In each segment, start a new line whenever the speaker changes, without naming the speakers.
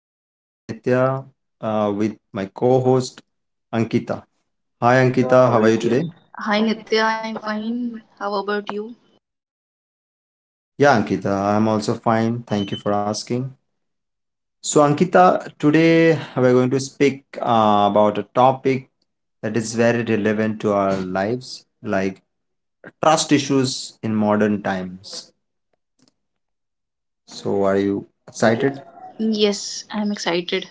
I'm your host Nitya with my co host Ankita. Hi
Ankita,
Ankita, how
how
are you
are you
today?
today? Hi Nitya, I'm fine. How about you?
Yeah, Ankita, I'm also fine. Thank you for asking. So, Ankita, today we're going to speak about a topic that is very relevant to our lives, like trust issues in modern times. So, are you
Excited?
excited?
Yes, I'm excited.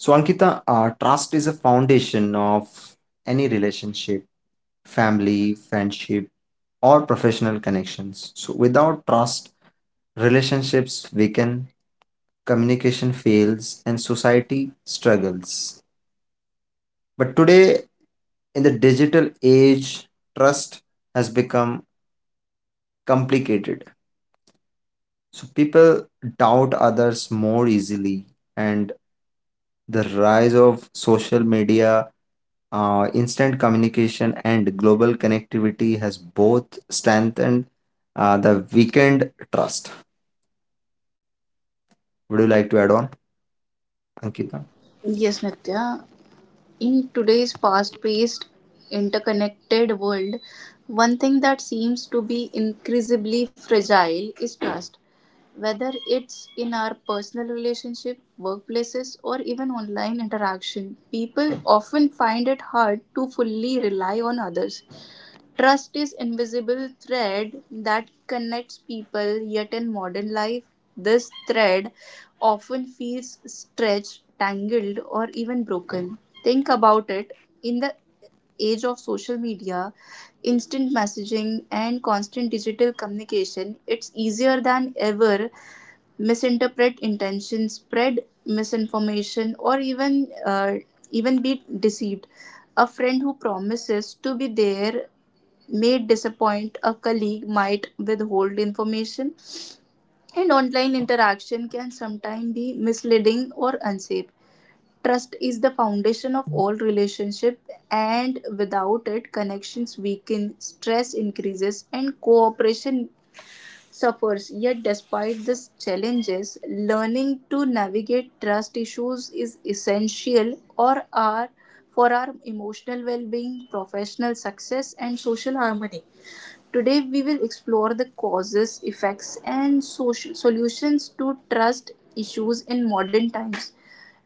So, Ankita, trust is a foundation of any relationship, family, friendship, or professional connections. So, without trust, relationships weaken, communication fails, and society struggles. But today, in the digital age, trust has become complicated. So, people doubt others more easily, and the rise of social media. Instant communication and global connectivity has both strengthened the weakened trust. Would you like to add on, Ankita?
Ankita. Yes, Nitya. In today's fast paced, interconnected world, one thing that seems to be increasingly fragile is trust. Whether it's in our personal relationship, workplaces, or even online interaction, people often find it hard to fully rely on others. Trust is invisible thread that connects people, yet in modern life this thread often feels stretched, tangled, or even broken. Think about it. In the age of social media, instant messaging, and constant digital communication, it's easier than ever misinterpret intentions, spread misinformation, or even be deceived. A friend who promises to be there may disappoint, a colleague might withhold information, and online interaction can sometimes be misleading or unsafe. Trust is the foundation of all relationship, and without it connections weaken, stress increases, and cooperation suffers. Yet despite these challenges, learning to navigate trust issues is essential or are for our emotional well-being, professional success, and social harmony. Today, we will explore the causes, effects, and social solutions to trust issues in modern times,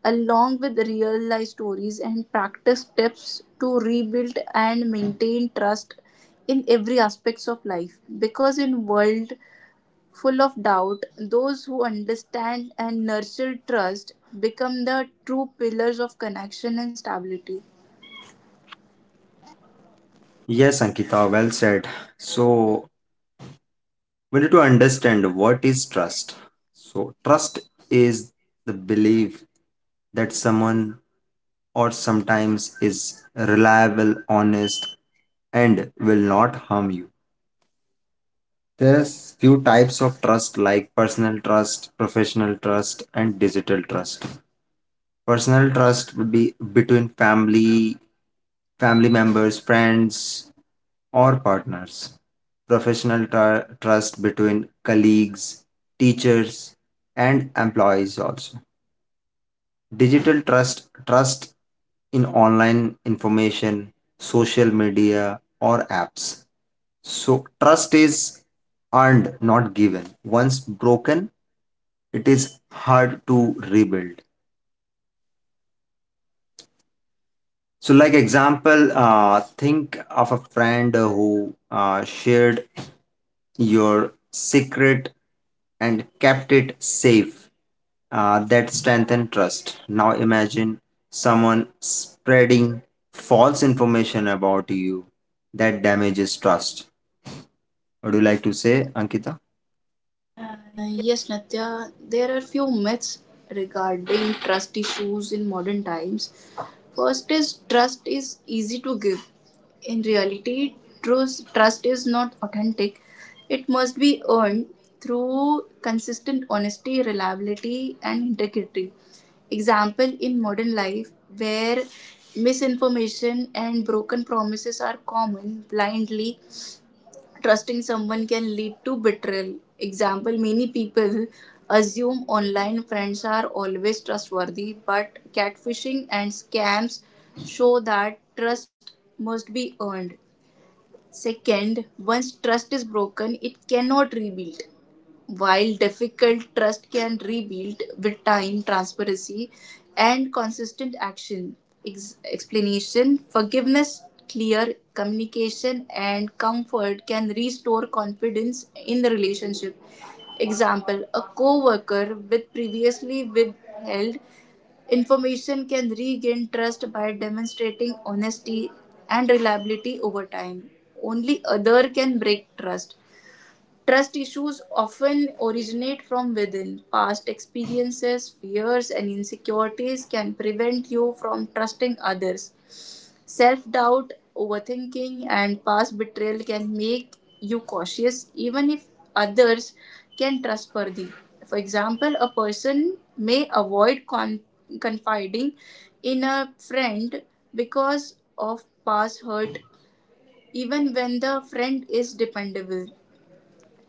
along with real life stories and practice tips to rebuild and maintain trust in every aspects of life. Because in world full of doubt, those who understand and nurture trust become the true pillars of connection and stability.
Yes, Ankita, well said. So, we need to understand what is trust. So, trust is the belief that someone or sometimes is reliable, honest, and will not harm you. There's few types of trust like personal trust, professional trust, and digital trust. Personal trust would be between family, family members, friends, or partners. Professional trust between colleagues, teachers, and employees also. Digital trust in online information, social media, or apps. So, trust is earned, not given. Once broken, it is hard to rebuild. So, like example, think of a friend who shared your secret and kept it safe. That strengthened trust. Now imagine someone spreading false information about you. That damages trust. Would you like to say, Ankita?
Yes, Natya, there are few myths regarding trust issues in modern times. First is trust is easy to give. In reality, trust is not authentic. It must be earned through consistent honesty, reliability, and integrity. Example, in modern life where misinformation and broken promises are common, blindly trusting someone can lead to betrayal. Example, many people assume online friends are always trustworthy, but catfishing and scams show that trust must be earned. Second, once trust is broken, it cannot rebuild. While difficult, trust can rebuild with time, transparency, and consistent action. Explanation, forgiveness, clear communication, and comfort can restore confidence in the relationship. Example, a co worker with previously withheld information can regain trust by demonstrating honesty and reliability over time. Only other can break trust. Trust issues often originate from within. Past experiences, fears, and insecurities can prevent you from trusting others. Self doubt, overthinking, and past betrayal can make you cautious even if others can trustworthy. For example, a person may avoid confiding in a friend because of past hurt, even when the friend is dependable.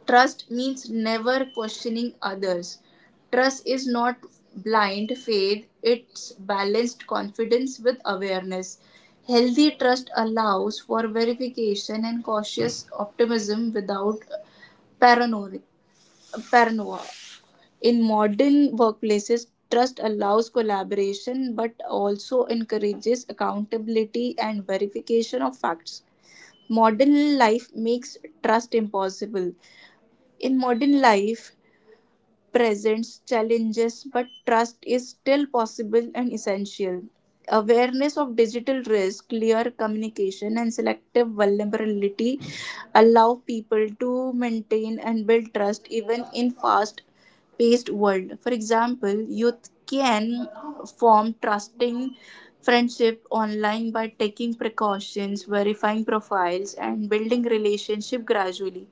Trust means never questioning others. Trust is not blind faith, it's balanced confidence with awareness. Healthy trust allows for verification and cautious optimism without paranoia. paranoia. In modern workplaces, trust allows collaboration but also encourages accountability and verification of facts. Modern life makes trust impossible. In modern life, presents challenges, but trust is still possible and essential. Awareness of digital risk, clear communication, and selective vulnerability allow people to maintain and build trust even in fast paced world. For example, youth can form trusting friendship online by taking precautions, verifying profiles, and building relationship gradually.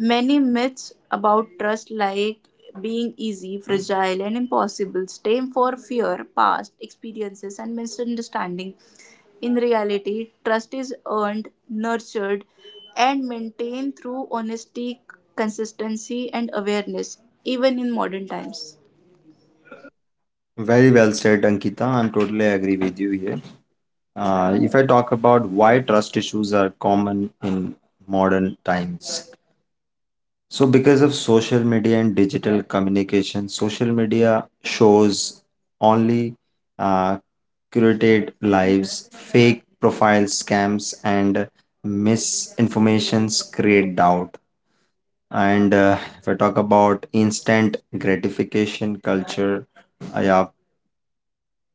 Many myths about trust, like being easy, fragile, and impossible, stem for fear, past experiences, and misunderstanding. In reality, trust is earned, nurtured, and maintained through honesty, consistency, and awareness, even in modern times.
Very well said, Ankita. I'm totally agree with you here. If I talk about why trust issues are common in modern times, so, because of social media and digital communication, social media shows only uh, curated lives, fake profiles, scams, and misinformations create doubt. And if I talk about instant gratification culture, yeah,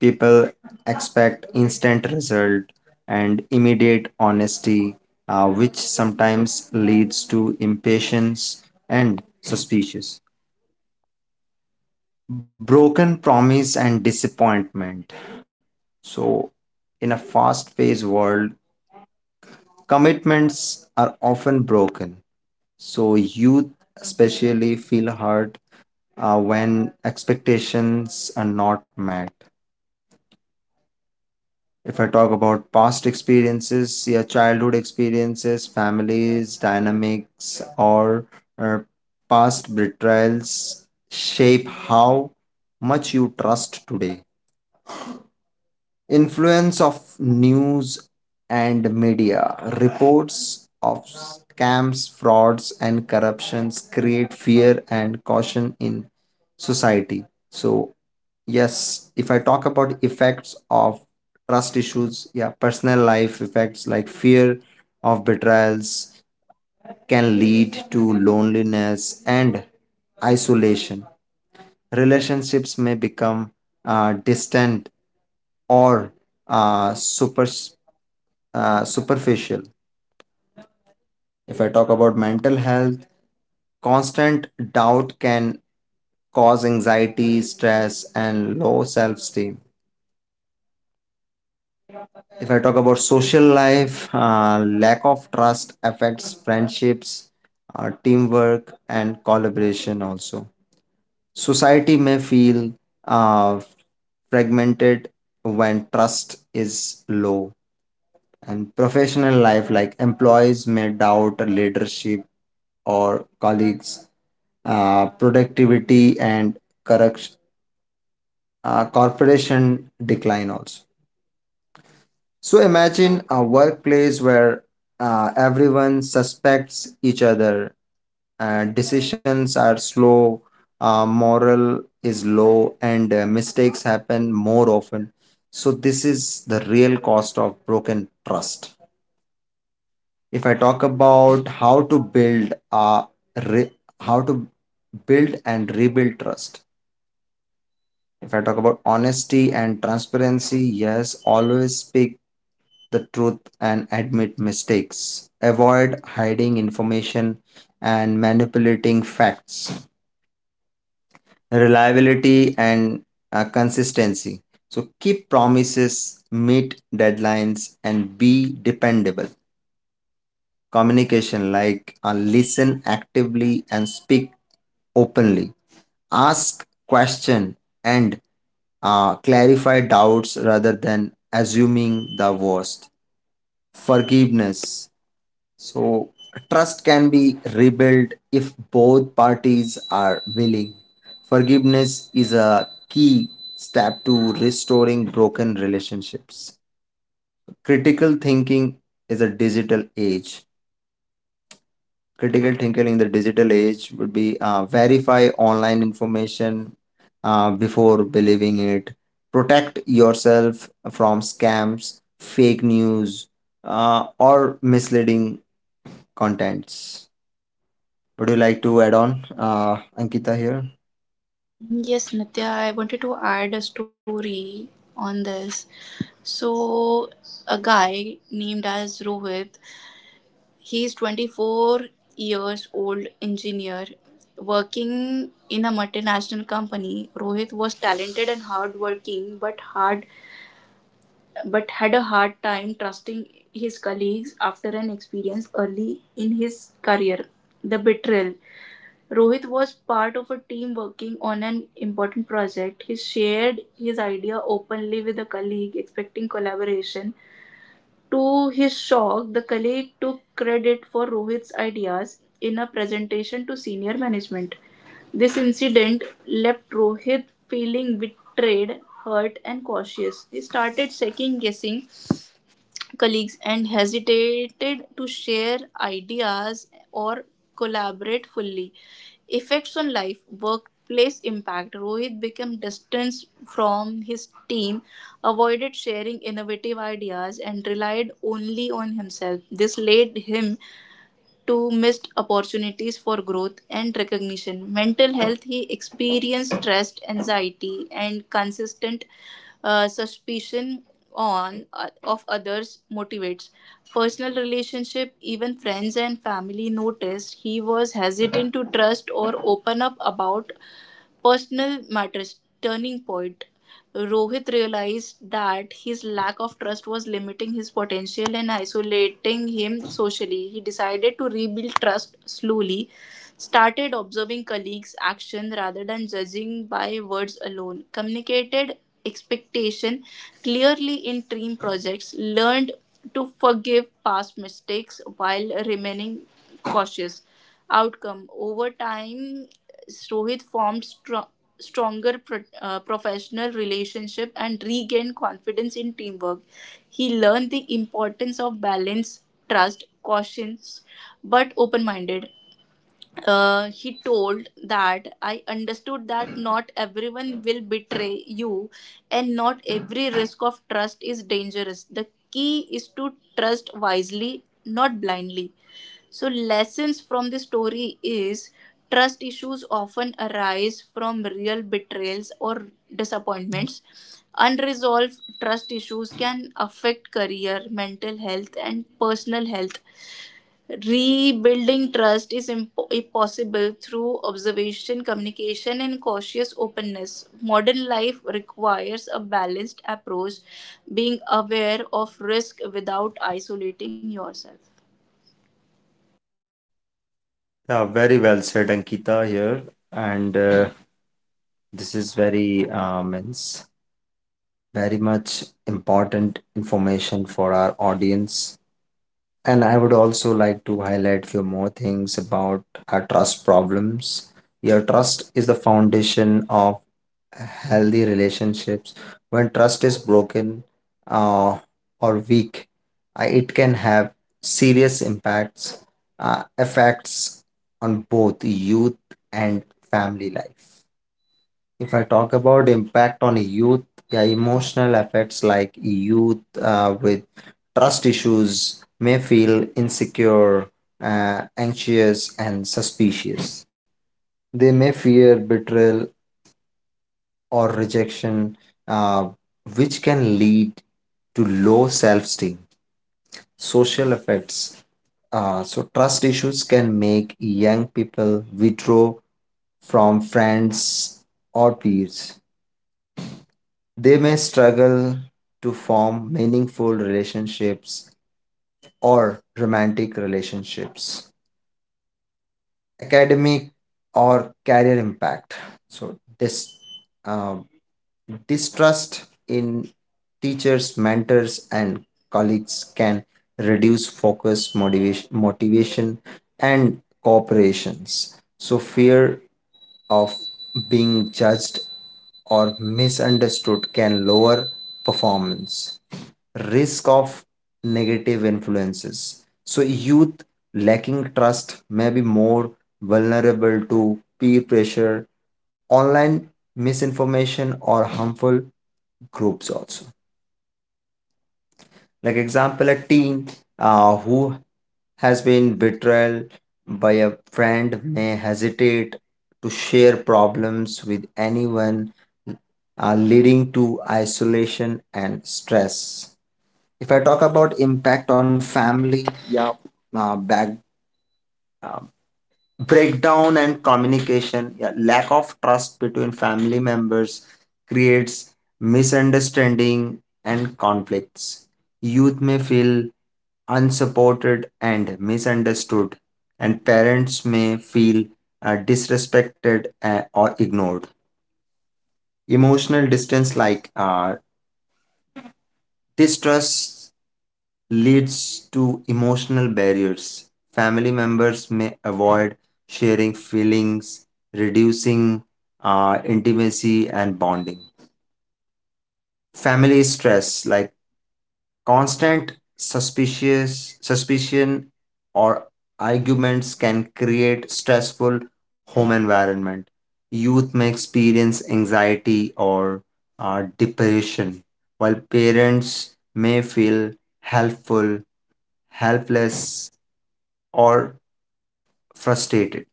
people expect instant result and immediate honesty, which sometimes leads to impatience and suspicious. Broken promise and disappointment, so in a fast paced world commitments are often broken, so youth especially feel hurt when expectations are not met. If I talk about past experiences, your childhood experiences, families dynamics, or uh, past betrayals shape how much you trust today. Influence of news and media, reports of scams, frauds and corruptions create fear and caution in society. So, yes, if I talk about effects of trust issues, yeah, personal life effects like fear of betrayals can lead to loneliness and isolation. Relationships may become distant or uh, super superficial. If I talk about mental health, constant doubt can cause anxiety, stress, and low self-esteem. If I talk about social life, lack of trust affects friendships, teamwork, and collaboration. Also, society may feel uh, fragmented when trust is low, and professional life, like employees may doubt leadership or colleagues, productivity and corruption, corporation decline also. So imagine a workplace where everyone suspects each other, decisions are slow, moral is low, and mistakes happen more often. So this is the real cost of broken trust. If I talk about how to build re- how to build and rebuild trust, if I talk about honesty and transparency, yes, always speak the truth and admit mistakes, avoid hiding information and manipulating facts. Reliability and consistency, so keep promises, meet deadlines, and be dependable. Communication, like listen actively and speak openly, ask question and clarify doubts rather than assuming the worst. Forgiveness, so trust can be rebuilt if both parties are willing. Forgiveness is a key step to restoring broken relationships. Critical thinking is a digital age, critical thinking in the digital age would be verify online information before believing it, protect yourself from scams, fake news, or misleading contents. Would you like to add on, uh, Ankita here?
Yes, Nitya, I wanted to add a story on this. So, a guy named as Rohit, he's 24 years old engineer working in a multinational company. Rohit was talented and hardworking, but had a hard time trusting his colleagues after an experience early in his career. The betrayal: Rohit was part of a team working on an important project. He shared his idea openly with a colleague, expecting collaboration. To his shock, the colleague took credit for Rohit's ideas in a presentation to senior management. This incident left Rohit feeling betrayed, hurt, and cautious. He started second guessing colleagues and hesitated to share ideas or collaborate fully. Effects on life, workplace impact. Rohit became distant from his team, avoided sharing innovative ideas, and relied only on himself. This led him to missed opportunities for growth and recognition. Mental health, he experienced stress, anxiety, and consistent suspicion on of others motivates personal relationship. Even friends and family noticed he was hesitant to trust or open up about personal matters. Turning point. Rohit realized that his lack of trust was limiting his potential and isolating him socially. He decided to rebuild trust slowly, started observing colleagues' action rather than judging by words alone, communicated expectation clearly in team projects, learned to forgive past mistakes while remaining cautious. Outcome, over time, Rohit formed strong. Stronger professional relationship and regained confidence in teamwork. He learned the importance of balance, trust, cautions, but open minded. Uh, he told that, "I understood that not everyone will betray you, and not every risk of trust is dangerous. The key is to trust wisely, not blindly." So, lessons from the story is trust issues often arise from real betrayals or disappointments. Unresolved trust issues can affect career, mental health, and personal health. Rebuilding trust is possible through observation, communication, and cautious openness. Modern life requires a balanced approach, being aware of risk without isolating yourself.
Yeah, very well said, Ankita here, and this is very means very much important information for our audience. And I would also like to highlight few more things about our trust problems. Your trust is the foundation of healthy relationships. When trust is broken uh, or weak, it can have serious impacts, effects on both youth and family life. If I talk about impact on youth, yeah, emotional effects like youth with trust issues may feel insecure, anxious, and suspicious. They may fear betrayal or rejection, uh, which can lead to low self esteem. Social effects. So, trust issues can make young people withdraw from friends or peers. They may struggle to form meaningful relationships or romantic relationships, academic or career impact. So, uh, distrust in teachers, mentors, and colleagues can reduce focus, motivation, and cooperations. So, fear of being judged or misunderstood can lower performance. Risk of negative influences. So, youth lacking trust may be more vulnerable to peer pressure, online misinformation, or harmful groups also, like example, a teen who has been betrayed by a friend may hesitate to share problems with anyone, leading to isolation and stress. If I talk about impact on family, yeah. Back uh, Breakdown and communication, yeah, lack of trust between family members creates misunderstanding and conflicts. Youth may feel unsupported and misunderstood, and parents may feel disrespected or ignored. Emotional distance, like distrust leads to emotional barriers. Family members may avoid sharing feelings, reducing intimacy and bonding. Family stress, like constant suspicious suspicion or arguments, can create stressful home environment. Youth may experience anxiety or depression, while parents may feel helpful helpless or frustrated.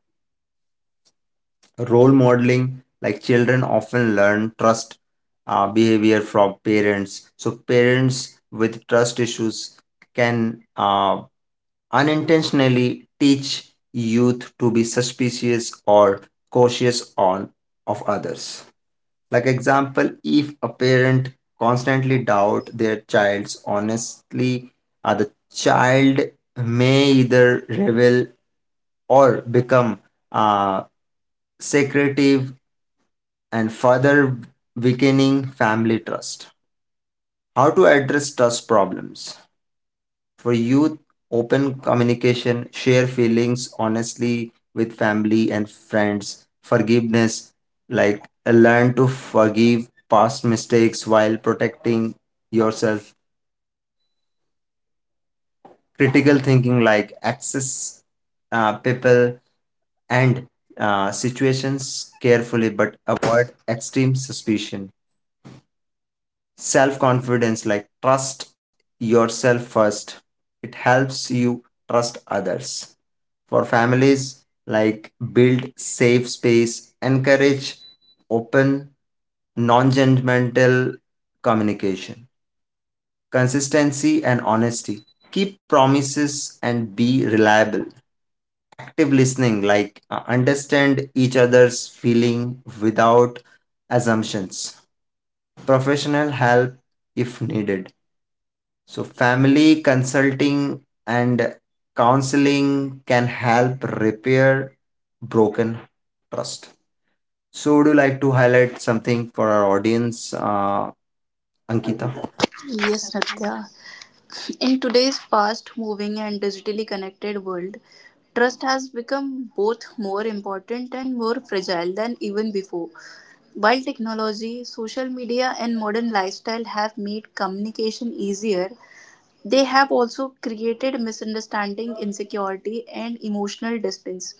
Role modeling, like children often learn trust behavior from parents. So, parents with trust issues can unintentionally teach youth to be suspicious or cautious on of others. Like example, if a parent constantly doubt their child's honestly, the child may either rebel or become uh, secretive, and further weakening family trust. How to address trust problems? For youth, open communication, share feelings honestly with family and friends. Forgiveness, like learn to forgive past mistakes while protecting yourself. Critical thinking, like access people and situations carefully but avoid extreme suspicion. Self confidence, like trust yourself first, it helps you trust others. For families, like build safe space, encourage open, non-judgmental communication. Consistency and honesty, keep promises and be reliable. Active listening, like understand each other's feeling without assumptions. Professional help if needed, so, family consulting and counseling can help repair broken trust. So, would you like to highlight something for our audience, Ankita?
Ankita. Yes, Natya. In today's fast moving and digitally connected world, trust has become both more important and more fragile than even before. While technology, social media, and modern lifestyle have made communication easier, they have also created misunderstanding, insecurity, and emotional distance.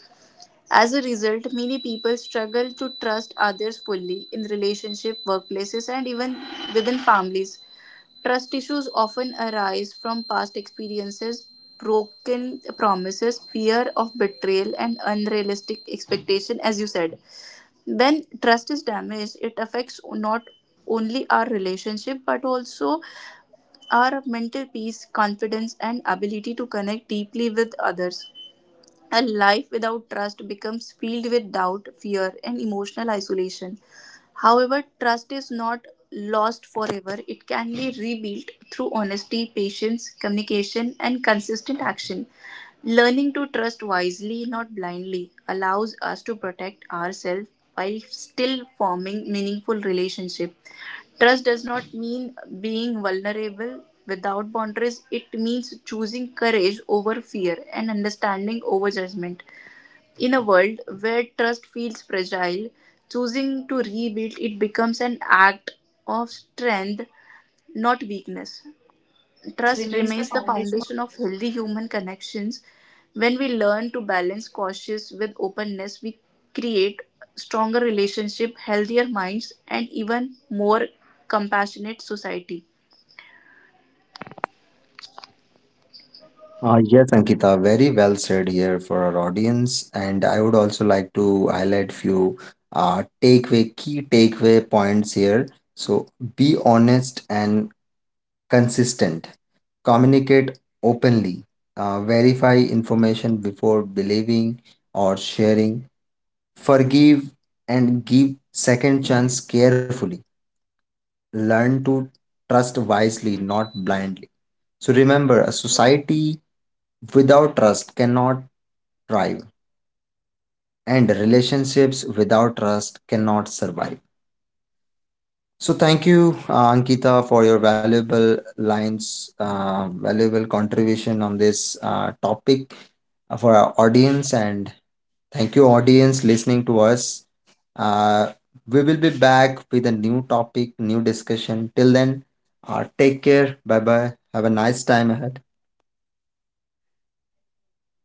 As a result, many people struggle to trust others fully in relationship, workplaces, and even within families. Trust issues often arise from past experiences, broken promises, fear of betrayal, and unrealistic expectation, as you said. When trust is damaged, it affects not only our relationship but also our mental peace, confidence, and ability to connect deeply with others. A life without trust becomes filled with doubt, fear, and emotional isolation. However, trust is not lost forever, it can be rebuilt through honesty, patience, communication, and consistent action. Learning to trust wisely, not blindly, allows us to protect ourselves while still forming meaningful relationships. Trust does not mean being vulnerable without boundaries, it means choosing courage over fear and understanding over judgment. In a world where trust feels fragile, choosing to rebuild it becomes an act of strength, not weakness. Trust remains the foundation of healthy human connections. When we learn to balance cautious with openness, we create stronger relationship, healthier minds, and even more compassionate society.
Yes, Ankita, very well said here for our audience, and I would also like to highlight few takeaway key takeaway points here. So, be honest and consistent, communicate openly, verify information before believing or sharing, forgive and give second chance carefully, learn to trust wisely, not blindly. So remember, a society without trust cannot thrive, and relationships without trust cannot survive. So thank you, Ankita, for your valuable valuable contribution on this topic for our audience, and thank you, audience, listening to us. Uh, we will be back with a new topic, new discussion. Till then, take care. Bye bye. Have a nice time ahead.
Thank you, Nitya.